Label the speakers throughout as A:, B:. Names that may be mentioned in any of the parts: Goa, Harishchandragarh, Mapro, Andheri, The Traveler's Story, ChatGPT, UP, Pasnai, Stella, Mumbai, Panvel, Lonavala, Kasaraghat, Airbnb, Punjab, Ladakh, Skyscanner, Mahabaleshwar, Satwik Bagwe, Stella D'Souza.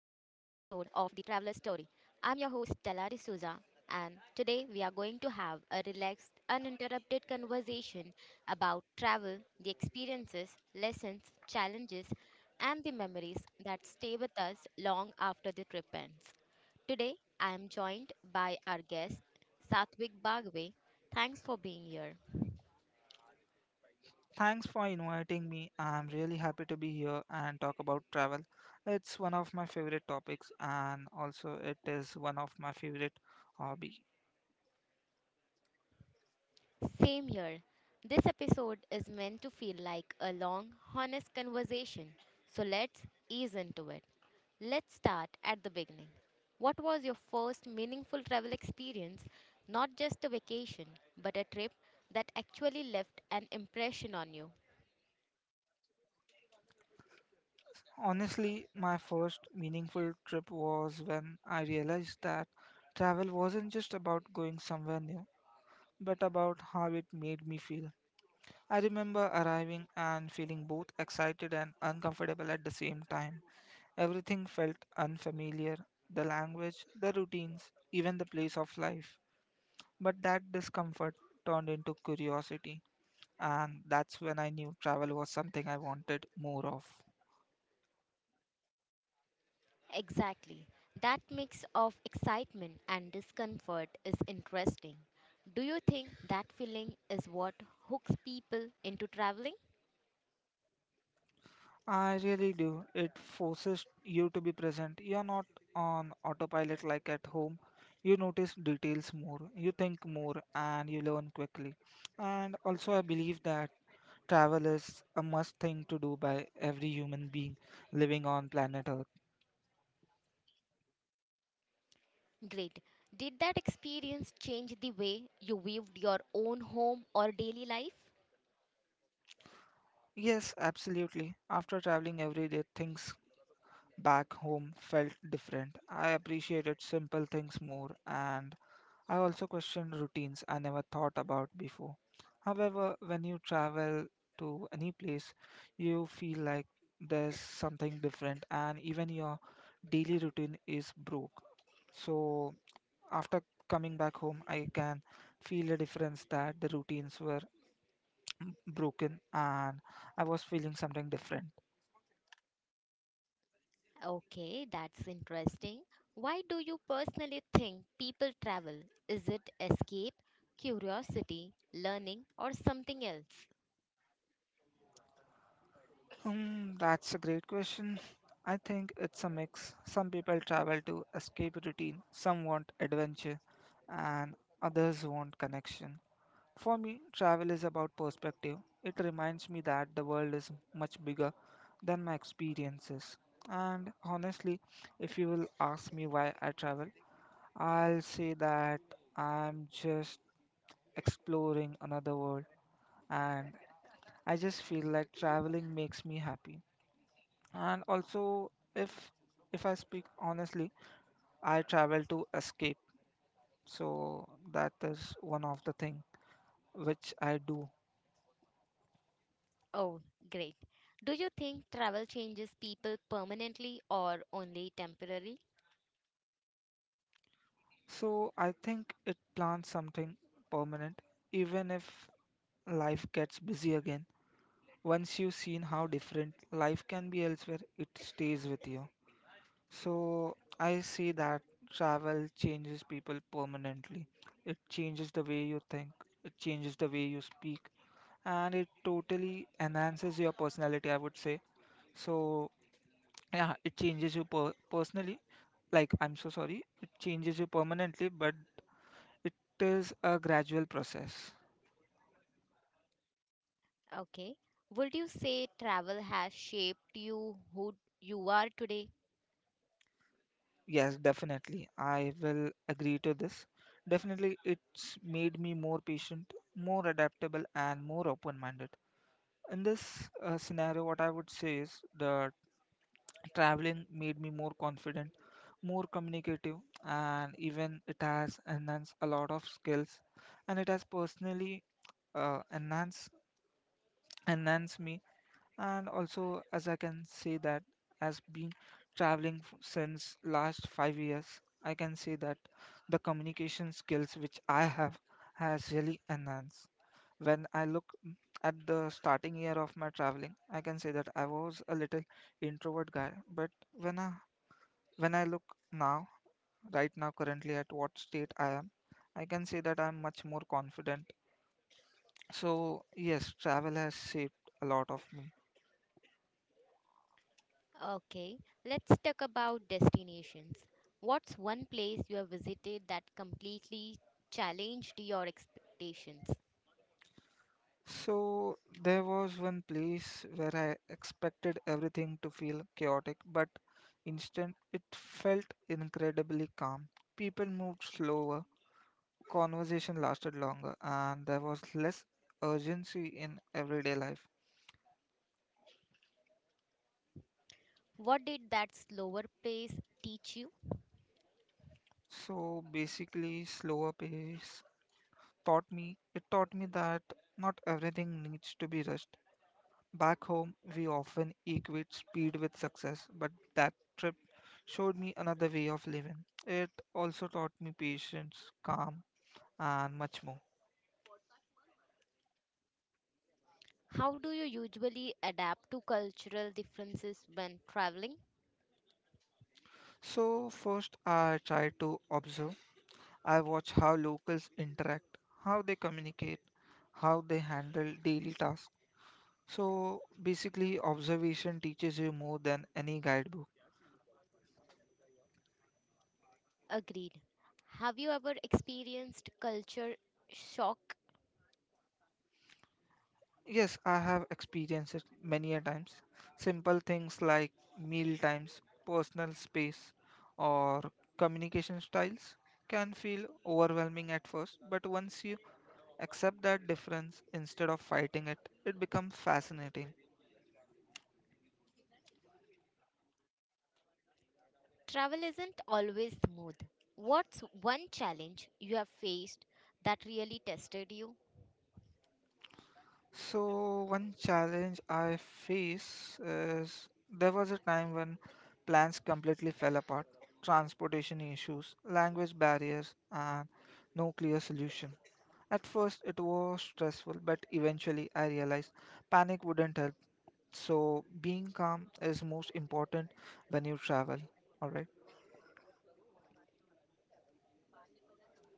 A: The Traveler's Story. I'm your host, Stella D'Souza, and today we are going to have a relaxed, uninterrupted conversation about travel, the experiences, lessons, challenges, and the memories that stay with us long after the trip ends. Today, I am joined by our guest, Satwik Bagwe. Thanks for being here.
B: Thanks for inviting me. I'm really happy to be here and talk about travel. It's one of my favorite topics and also it is one of my favorite hobby.
A: Same here. This episode is meant to feel like a long, honest conversation. So let's ease into it. Let's start at the beginning. What was your first meaningful travel experience? Not just a vacation, but a trip that actually left an impression on you.
B: Honestly, my first meaningful trip was when I realized that travel wasn't just about going somewhere new, but about how it made me feel. I remember arriving and feeling both excited and uncomfortable at the same time. Everything felt unfamiliar, the language, the routines, even the place of life. But that discomfort turned into curiosity, and that's when I knew travel was something I wanted more of.
A: Exactly. That mix of excitement and discomfort is interesting. Do you think that feeling is what hooks people into traveling?
B: I really do. It forces you to be present. You're not on autopilot like at home. You notice details more, you think more, and you learn quickly. And also, I believe that travel is a must thing to do by every human being living on planet Earth.
A: Great. Did that experience change the way you viewed your own home or daily life?
B: Yes, absolutely. After traveling every day, things back home felt different. I appreciated simple things more, and I also questioned routines I never thought about before. However, when you travel to any place, you feel like there's something different, and even your daily routine is broke. So, after coming back home, I can feel a difference that the routines were broken and I was feeling something different.
A: Okay, that's interesting. Why do you personally think people travel? Is it escape, curiosity, learning, or something else?
B: That's a great question. I think it's a mix. Some people travel to escape routine, some want adventure, and others want connection. For me, travel is about perspective. It reminds me that the world is much bigger than my experiences. And honestly, if you will ask me why I travel, I'll say that I'm just exploring another world and I just feel like traveling makes me happy and also if I speak honestly I travel to escape so that is one of the thing which I do
A: Oh, great. Do you think travel changes people permanently or only temporarily?
B: so I think it plans something permanent even if life gets busy again once you've seen how different life can be elsewhere it stays with you so I see that travel changes people permanently it changes the way you think it changes the way you speak and it totally enhances your personality, I would say. So, yeah, it changes you personally. Like, I'm so sorry, it changes you permanently, but it is a gradual process.
A: Okay. Would you say travel has shaped you who you are today?
B: Yes, definitely. I will agree to this. Definitely, it's made me more patient, more adaptable, and more open minded. In this scenario, what I would say is that traveling made me more confident, more communicative, and even it has enhanced a lot of skills. And it has personally uh, enhanced enhanced me. And also, as I can say that, as been traveling since last 5 years, I can say that the communication skills which I have has really enhanced. When I look at the starting year of my traveling, I can say that I was a little introvert guy, but when I look now, right now, currently at what state I am, I can say that I'm much more confident. So, yes, travel has shaped a lot of me.
A: Okay, let's talk about destinations. What's one place you have visited that completely challenged your expectations?
B: So, there was one place where I expected everything to feel chaotic, but instant it felt incredibly calm. People moved slower, conversation lasted longer, and there was less urgency in everyday life.
A: What did that slower pace teach you?
B: So, basically, slower pace taught me it taught me that not everything needs to be rushed. Back home, we often equate speed with success, but that trip showed me another way of living. It also taught me patience, calm, and much more.
A: How do you usually adapt to cultural differences when traveling?
B: So first, I tried to observe. I watch how locals interact, how they communicate, how they handle daily tasks. So basically, observation teaches you more than any guidebook.
A: Agreed. Have you ever experienced culture shock?
B: Yes, I have experienced it many a times. Simple things like meal times, personal space, or communication styles can feel overwhelming at first, but once you accept that difference instead of fighting it, it becomes fascinating.
A: Travel isn't always smooth. What's one challenge you have faced that really tested you?
B: So one challenge I face is there was a time when plans completely fell apart, transportation issues, language barriers, and no clear solution. At first, it was stressful, but eventually I realized panic wouldn't help. So being calm is most important when you travel. All right.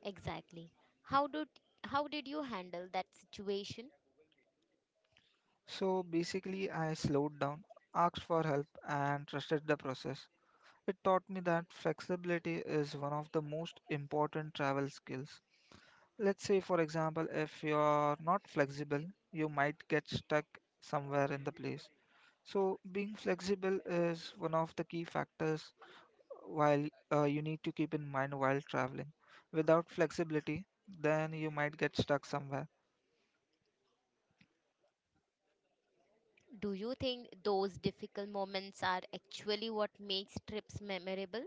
A: Exactly. How did how did you handle that situation?
B: So basically, I slowed down, asked for help, and trusted the process. It taught me that flexibility is one of the most important travel skills. Let's say, for example, if you're not flexible, you might get stuck somewhere in the place. So, being flexible is one of the key factors while you need to keep in mind while traveling. Without flexibility, then you might get stuck somewhere.
A: Do you think those difficult moments are actually what makes trips memorable?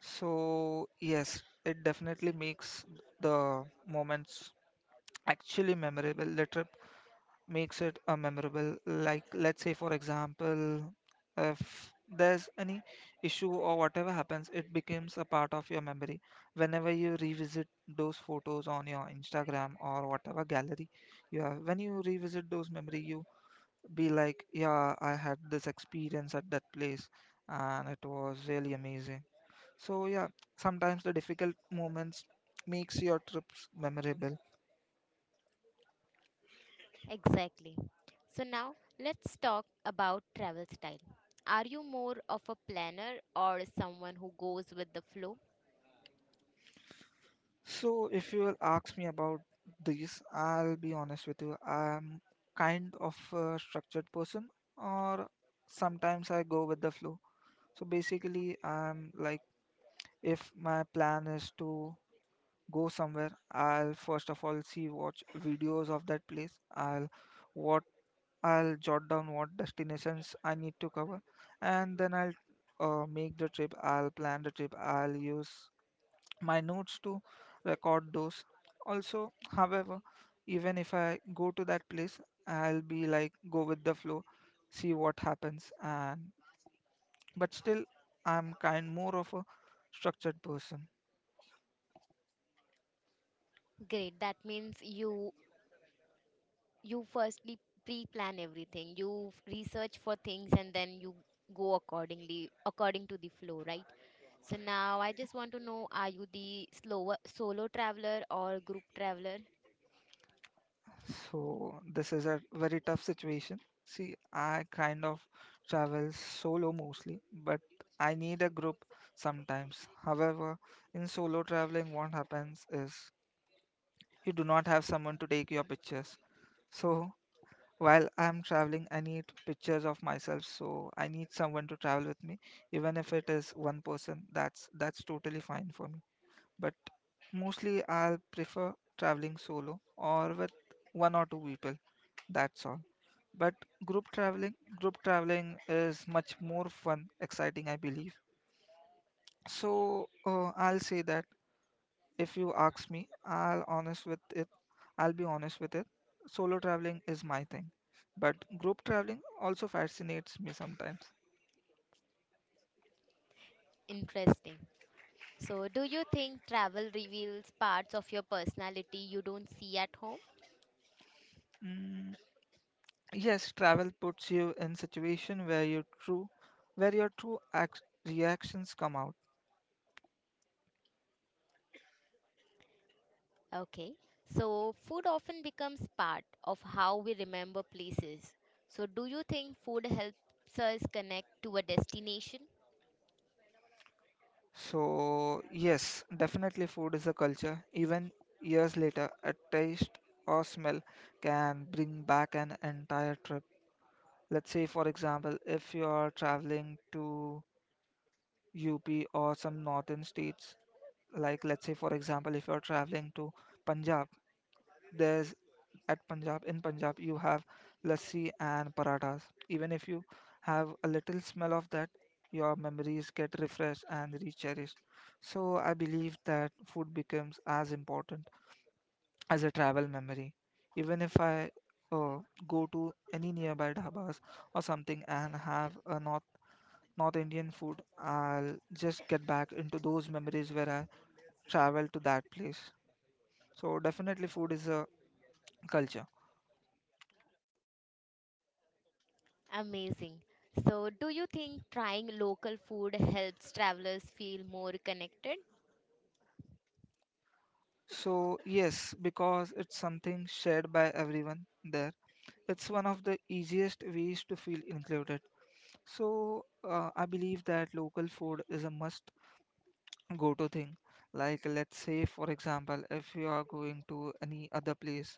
B: So, yes, it definitely makes the moments actually memorable. Makes it a memorable like let's say for example if there's any issue or whatever happens it becomes a part of your memory whenever you revisit those photos on your Instagram or whatever gallery you have when you revisit those memory you be like yeah I had this experience at that place and it was really amazing so yeah sometimes the difficult moments makes your trips memorable.
A: Exactly. So now let's talk about travel style. Are you more of a planner or someone who goes with the flow?
B: So, if you will ask me about this, I'll be honest with you. I'm kind of a structured person, or sometimes I go with the flow. So, basically, I'm like, if my plan is to go somewhere, I'll first of all see watch videos of that place. What I'll jot down what destinations I need to cover, and then I'll make the trip. I'll plan the trip. I'll use my notes to record those. Also, however, even if I go to that place, I'll be like go with the flow, see what happens, and but still, I'm kind more of a structured person.
A: Great. That means you firstly pre-plan everything, you research for things, and then you go accordingly according to the flow, right? So now I just want to know, are you the slower solo traveler or group traveler?
B: So this is a very tough situation. See, I kind of travel solo mostly, but I need a group sometimes. However, in solo traveling, what happens is you do not have someone to take your pictures. So while I'm traveling, I need pictures of myself, so I need someone to travel with me, even if it is one person. That's totally fine for me. But mostly, I'll prefer traveling solo or with one or two people. That's all. But group traveling, group traveling is much more fun, exciting, I believe. So I'll say that if you ask me, I'll be honest with it. Solo traveling is my thing, but group traveling also fascinates me sometimes.
A: Interesting. So do you think travel reveals parts of your personality you don't see at home?
B: Mm, yes, travel puts you in situation where where your true act, reactions come out.
A: Okay, so food often becomes part of how we remember places. So do you think food helps us connect to a destination?
B: So yes, definitely food is a culture. Even years later, a taste or smell can bring back an entire trip. Let's say, for example, if you are traveling to UP or some northern states like let's say for example if you're traveling to Punjab there's at punjab in Punjab you have lassi and parathas even if you have a little smell of that your memories get refreshed and recherished so I believe that food becomes as important as a travel memory even if I uh, go to any nearby dhabas or something and have a north indian food I'll just get back into those memories where I traveled to that place. So definitely food is a culture.
A: Amazing. So, do you think trying local food helps travelers feel more connected?
B: So yes, because it's something shared by everyone there. It's one of the easiest ways to feel included. So I believe that local food is a must go to thing. Like let's say for example, if you are going to any other place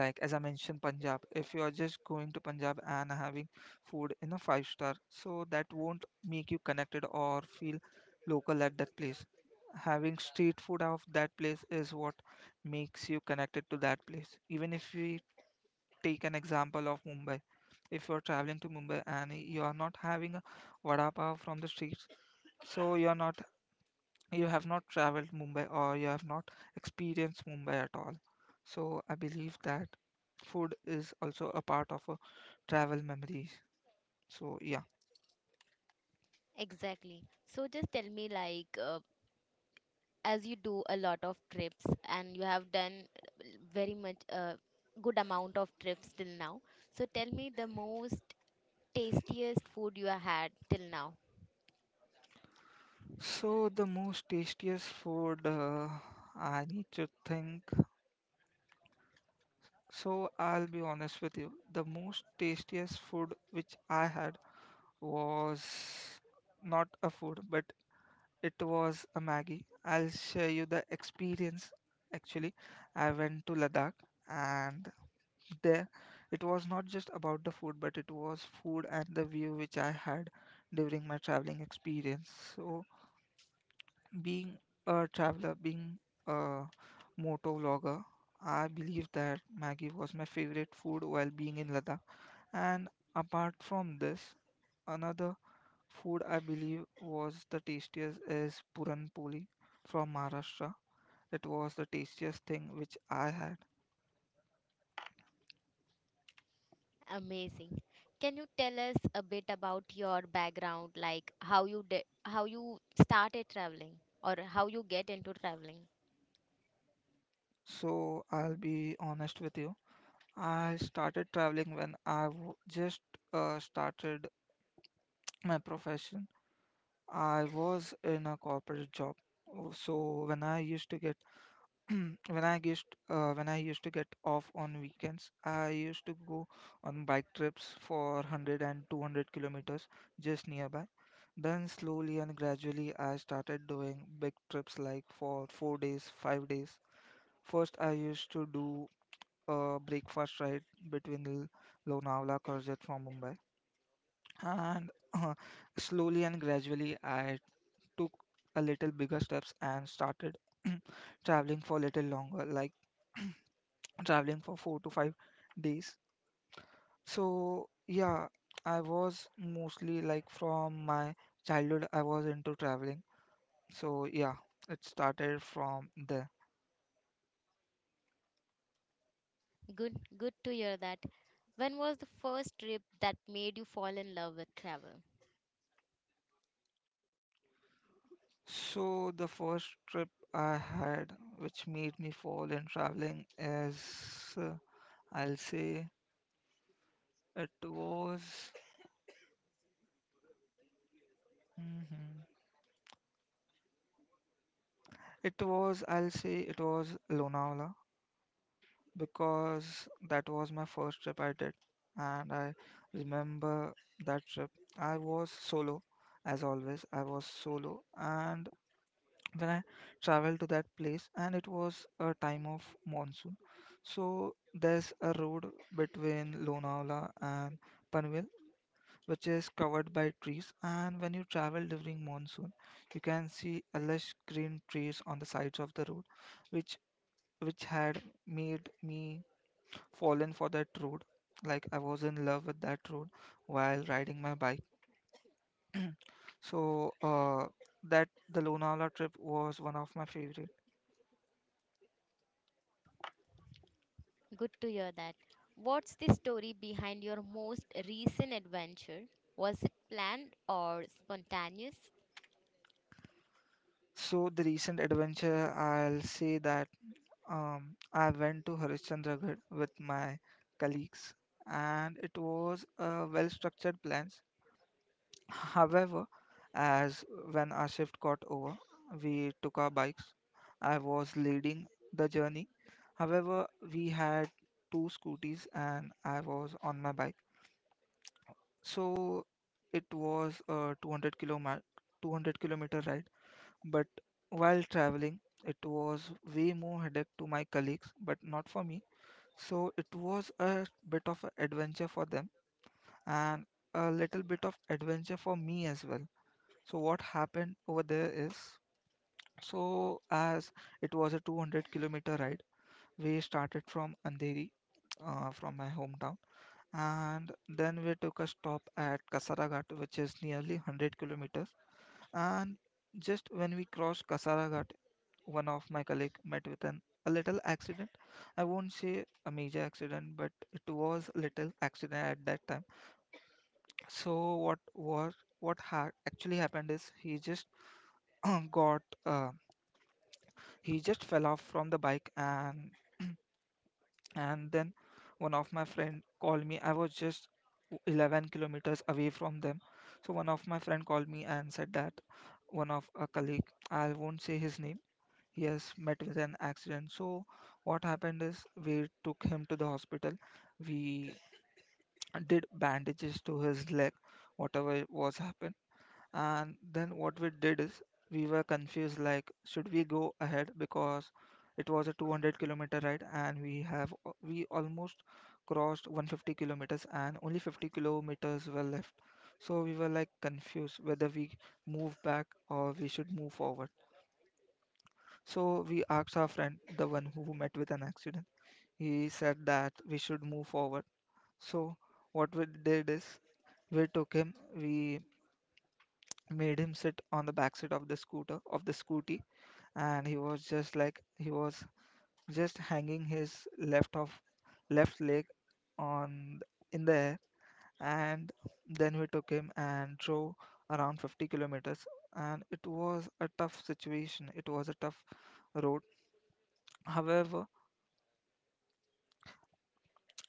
B: like as I mentioned Punjab if you are just going to Punjab and having food in a five star so that won't make you connected or feel local at that place having street food of that place is what makes you connected to that place even if we take an example of Mumbai if you're traveling to Mumbai and you are not having a vada pav from the streets so you have not traveled Mumbai or you have not experienced Mumbai at all. So I believe that food is also a part of a travel memories. So yeah.
A: Exactly. So, just tell me, like, as you do a lot of trips and you have done very much good amount of trips till now. So, tell me the most tastiest food you have had till now.
B: So the most tastiest food I need to think. So I'll be honest with you. The most tastiest food which I had was not a food, but it was a Maggie. I'll share you the experience. Actually, I went to Ladakh and there it was not just about the food but it was food and the view which I had during my traveling experience so being being a moto vlogger I believe that Maggie was my favorite food while being in Ladakh and apart from this another food I believe was the tastiest is puran poli from Maharashtra it was the tastiest thing which I had.
A: Amazing. Can you tell us a bit about your background, like how you started traveling, or how you get into traveling?
B: So I'll be honest with you, I started traveling when I w- just started my profession. I was in a corporate job. Oh, So when I used to get when I used to get off on weekends, I used to go on bike trips for 100 and 200 kilometers just nearby. Then slowly and gradually, I started doing big trips like for 4 days, 5 days. First, I used to do breakfast right between Lonavala Karjat from Mumbai. And Slowly and gradually, I took a little bigger steps and started traveling for a little longer, like traveling for 4 to 5 days. So, yeah, I was mostly like from my childhood, I was into traveling. So, yeah, it started from there.
A: Good, good to hear that. When was the first trip that made you fall in love with travel?
B: So the first trip I had, which made me fall in traveling, is I'll say it was mhm. it was I'll say it was Lonavala because that was my first trip I did, and I remember that trip. I was solo, as always. I was solo, and when I traveled to that place, and it was a time of monsoon. So there's a road between Lonavala and Panvel, which is covered by trees. And when you travel during monsoon, you can see a lush green trees on the sides of the road, which which had made me fallen for that road. Like I was in love with that road while riding my bike. So that the Lonavala trip was one of my favorite.
A: Good to hear that. What's the story behind your most recent adventure? Was it planned or spontaneous?
B: So the recent adventure, I'll say that I went to Harishchandragarh with my colleagues, and it was a well-structured plan. However, as when our shift got over, we took our bikes. I was leading the journey. However, we had two scooties, and I was on my bike. So it was a 200 kilometer ride. But while traveling, it was way more headache to my colleagues, but not for me. So it was a bit of an adventure for them and a little bit of adventure for me as well. So what happened over there is, so as it was a 200-kilometer ride, we started from Andheri, from my hometown, and then we took a stop at Kasaraghat, which is nearly 100 kilometers, and just when we crossed Kasaraghat, one of my colleague met with an a little accident. I won't say a major accident, but it was a little accident at that time. So what was what ha- actually happened is he just got he just fell off from the bike and and then one of my friend called me. I was just 11 kilometers away from them. So one of my friend called me and said that one of a colleague, I won't say his name. Yes, met with an accident. So what happened is we took him to the hospital. We did bandages to his leg, whatever was happened. And then what we did is we were confused like should we go ahead because it was a 200-kilometer ride and we have we almost crossed 150 kilometers and only 50 kilometers were left. So we were like confused whether we move back or we should move forward. So we asked our friend, the one who met with an accident. He said that we should move forward. So what we did is we took him, we made him sit on the backside of the scooty, and he was just like he was just hanging his left leg on in the air, and then we took him and drove around 50 kilometers, and it was a tough situation. It was a tough road. However,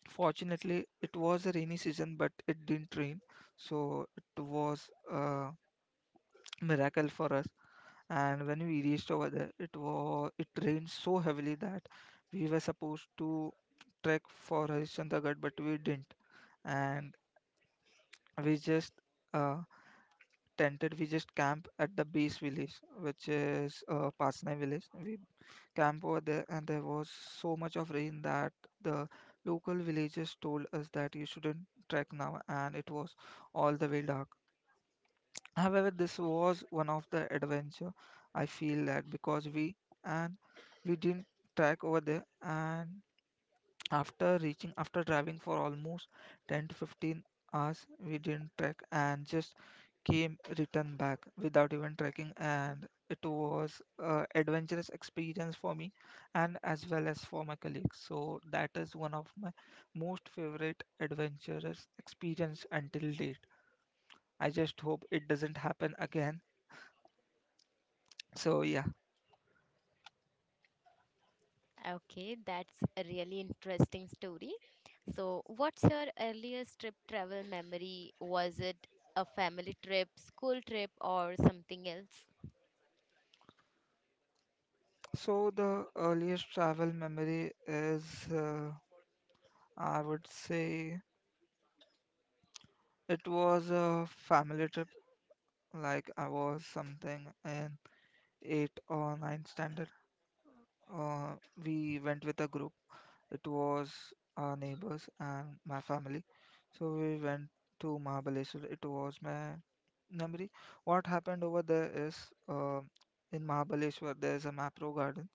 B: fortunately, it was a rainy season, but it didn't rain, so it was a miracle for us. And when we reached over there, it rained so heavily that we were supposed to trek for Harishchandragarh, but we didn't, and we just uh, tented. We just camped at the base village, which is Pasnai village. We camp over there, and there was so much of rain that the local villagers told us that you shouldn't trek now, and it was all the way dark. However, this was one of the adventure. I feel that because we and we didn't trek over there, and after reaching, after driving for almost 10 to 15 hours, we didn't trek and just came return back without even trekking. And it was a adventurous experience for me and as well as for my colleagues. So that is one of my most favorite adventurous experience until date. I just hope it doesn't happen again. So yeah.
A: Okay, that's a really interesting story. So, what's your earliest trip travel memory? Was it a family trip, school trip, or something else?
B: So the earliest travel memory is, I would say. It was a family trip, like I was something in 8 or 9 standard. Uh, we went with a group. It was our neighbors and my family. So we went to Mahabaleshwar. It was my memory. What happened over there is uh, in Mahabaleshwar there is a Mapro garden.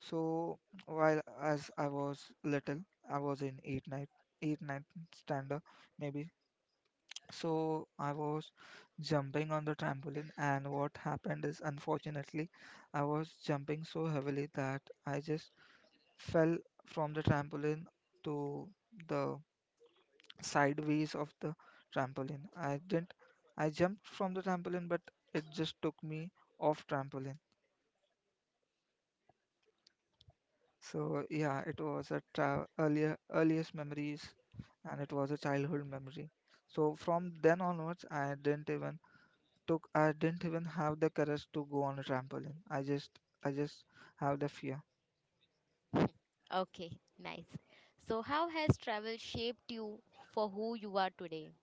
B: So while as I was little, I was in 8 9 standard maybe, so I was jumping on the trampoline, and what happened is, unfortunately, I was jumping so heavily that I just fell from the trampoline to the sideways of the trampoline. I didn't, I jumped from the trampoline, but it just took me off trampoline. So yeah, it was a earlier earliest memories, and it was a childhood memory. So from then onwards, I didn't even have the courage to go on a trampoline. I just have the fear.
A: Okay, nice. So, how has travel shaped you for who you are today?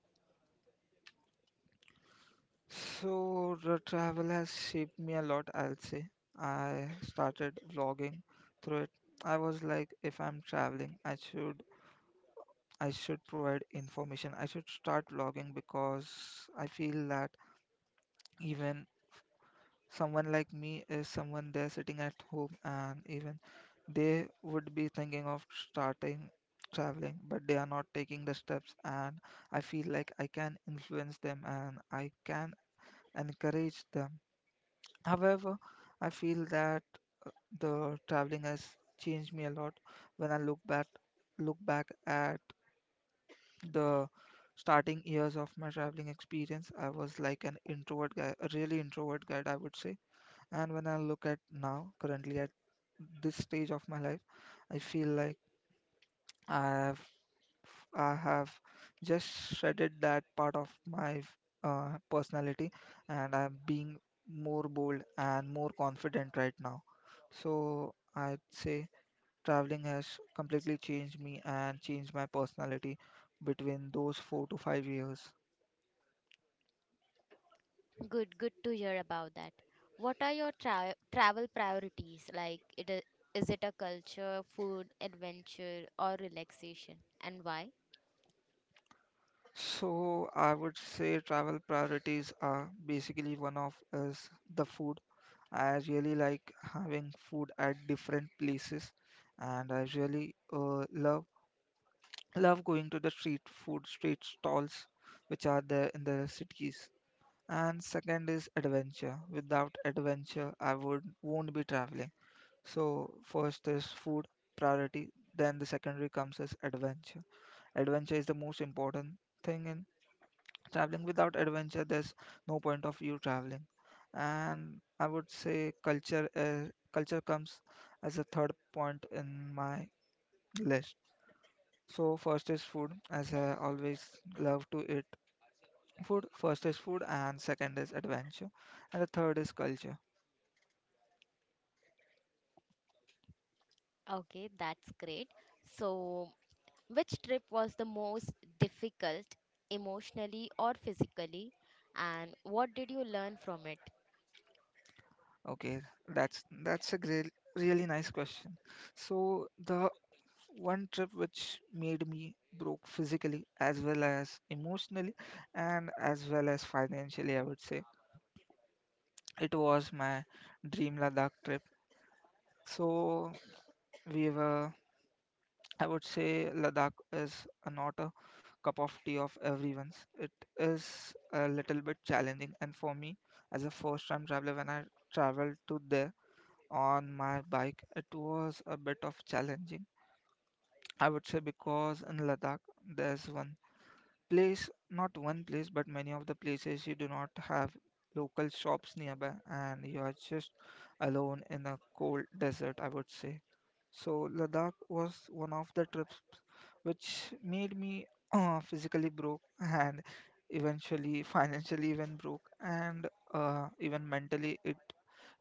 B: So the travel has shaped me a lot, I'll say. I started vlogging through it. I was like if I'm traveling, I should provide information. I should start vlogging because I feel that even someone like me is someone there sitting at home and even they would be thinking of starting traveling but they are not taking the steps, and I feel like I can influence them and I can encourage them. However, I feel that the traveling has changed me a lot. When I look back at the starting years of my traveling experience, I was like an introvert guy, a really introvert guy I would say. And when I look at now, currently at this stage of my life, I feel like I have I have just shredded that part of my personality, and I'm being more bold and more confident right now. So I'd say traveling has completely changed me and changed my personality between those 4 to 5 years.
A: Good, good to hear about that. What are your travel priorities? Like, it is it a culture, food, adventure, or relaxation? And why?
B: So I would say travel priorities are basically one of is the food. I really like having food at different places, and I really love going to the street stalls which are there in the cities. And second is adventure. Without adventure, I would won't be traveling. So first is food priority, then the secondary comes as adventure. Adventure is the most important thing in traveling. Without adventure, there's no point of you traveling. And I would say culture, culture comes as a third point in my list. So first is food, as I always love to eat food. First is food, and second is adventure, and the third is culture.
A: Okay, that's great. So, which trip was the most difficult emotionally or physically? And what did you learn from it?
B: Okay, that's a great, really nice question. So the one trip which made me broke physically as well as emotionally and as well as financially, I would say, it was my dream Ladakh trip. So we were, I would say, Ladakh is not a cup of tea of everyone's. It is a little bit challenging, and for me, as a first-time traveler, when I traveled to there on my bike, it was a bit of challenging. I would say because in Ladakh, there's one not one place, but many of the places you do not have local shops nearby and you are just alone in a cold desert, I would say. So, Ladakh was one of the trips which made me physically broke and eventually financially even broke, and even mentally it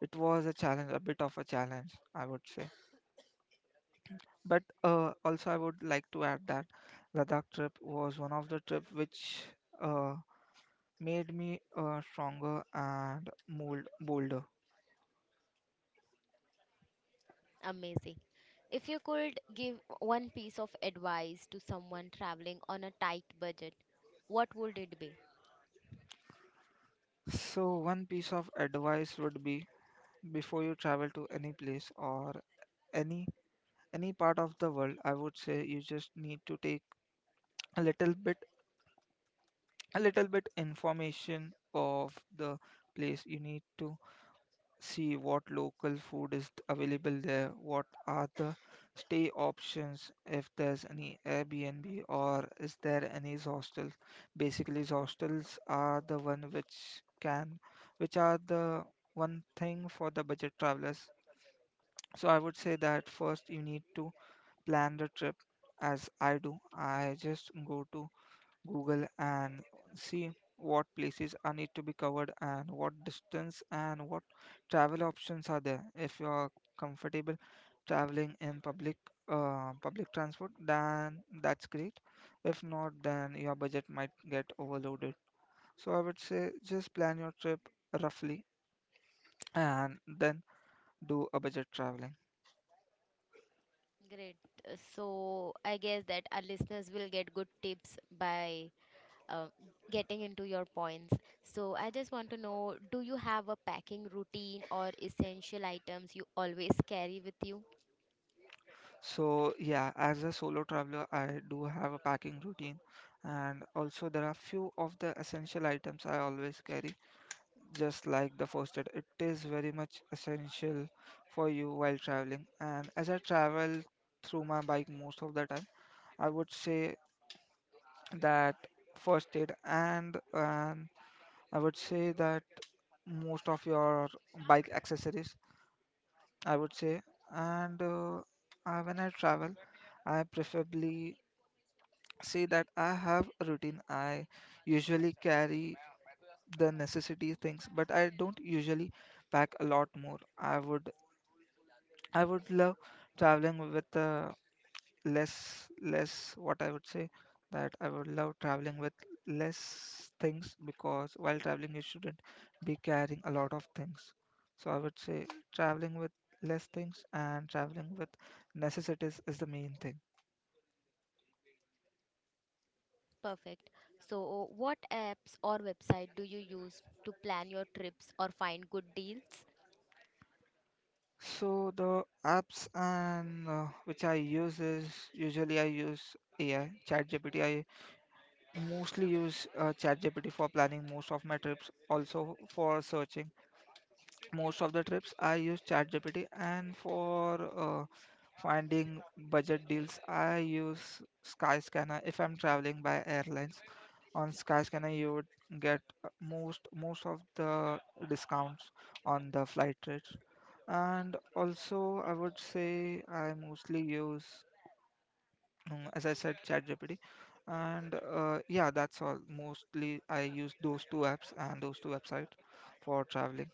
B: it was a bit of a challenge I would say. But also I would like to add that Ladakh trip was one of the trip which uh, made me stronger and mold bolder.
A: Amazing. If you could give one piece of advice to someone traveling on a tight budget, what would it be?
B: So one piece of advice would be, before you travel to any place or any any part of the world, I would say you just need to take a little bit a little bit information of the place. You need to see what local food is available there, what are the stay options, if there's any Airbnb or is there any hostels. Basically, hostels are the one which can, which are the one thing for the budget travelers. So I would say that first you need to plan the trip as I do. I just go to Google and see what places are need to be covered and what distance and what travel options are there. If you are comfortable traveling in public transport, then that's great. If not, then your budget might get overloaded. So I would say just plan your trip roughly and then do a budget traveling.
A: Great. So I guess that our listeners will get good tips by um, getting into your points. So I just want to know, do you have a packing routine or essential items you always carry with you?
B: So yeah, as a solo traveler, I do have a packing routine, and also there are few of the essential items I always carry, just like the first aid. It is very much essential for you while traveling. And as I travel through my bike most of the time, I would say that first aid and I would say that most of your bike accessories, I would say, and when I travel, I preferably say that I have a routine. I usually carry the necessity things, but I don't usually pack a lot more. I would love traveling with less less what I would say that I would love traveling with less things because while traveling you shouldn't be carrying a lot of things. So I would say traveling with less things and traveling with necessities is the main thing.
A: Perfect. So what apps or website do you use to plan your trips or find good deals?
B: So the apps and which I use is usually I use AI, ChatGPT. I mostly use ChatGPT for planning most of my trips, also for searching. Most of the trips I use ChatGPT, and for finding budget deals I use Skyscanner. If I'm traveling by airlines, on Skyscanner you would get most of the discounts on the flight rates. And also I would say I mostly use as I said, ChatGPT. And yeah, that's all. Mostly I use those two apps and those two websites for traveling.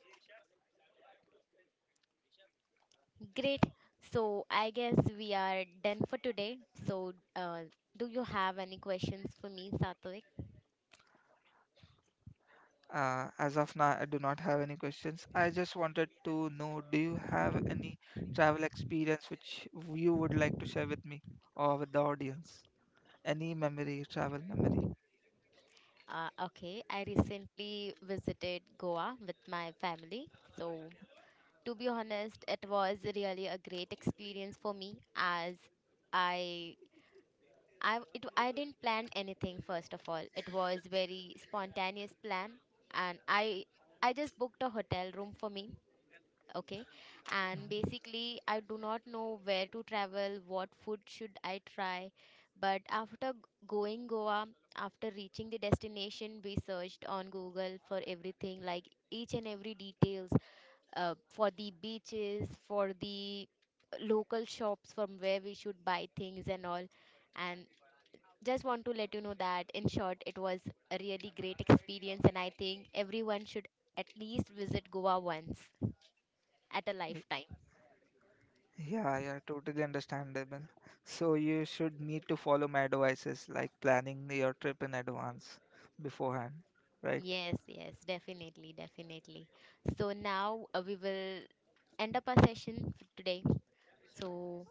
A: Great. So I guess we are done for today. So do you have any questions for me, Satwik?
B: As of now, I do not have any questions. I just wanted to know, do you have any travel experience which you would like to share with me or with the audience? Any memory, travel memory.
A: Okay, I recently visited Goa with my family. So, to be honest, it was really a great experience for me, as I I didn't plan anything first of all. It was very spontaneous plan, and I just booked a hotel room for me. Okay, and basically I do not know where to travel, what food should I try, but going Goa, after reaching the destination, we searched on Google for everything, like each and every details, for the beaches, for the local shops from where we should buy things and all. And just want to let you know that, in short, it was a really great experience, and I think everyone should at least visit Goa once at a
B: Y-
A: lifetime.
B: Yeah, yeah, totally understandable. So you should need to follow my advices, like planning your trip in advance, beforehand, right?
A: Yes, yes, definitely, definitely. So now we will end up our session for today. So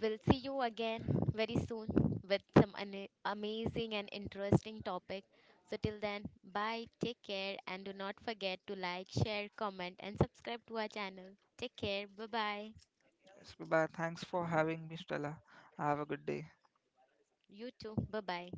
A: we'll see you again very soon with some amazing and interesting topic. So till then, bye, take care, and do not forget to like, share, comment, and subscribe to our channel. Take care, bye bye.
B: So, but thanks for having me, Stella. Have a good day.
A: You too, bye bye.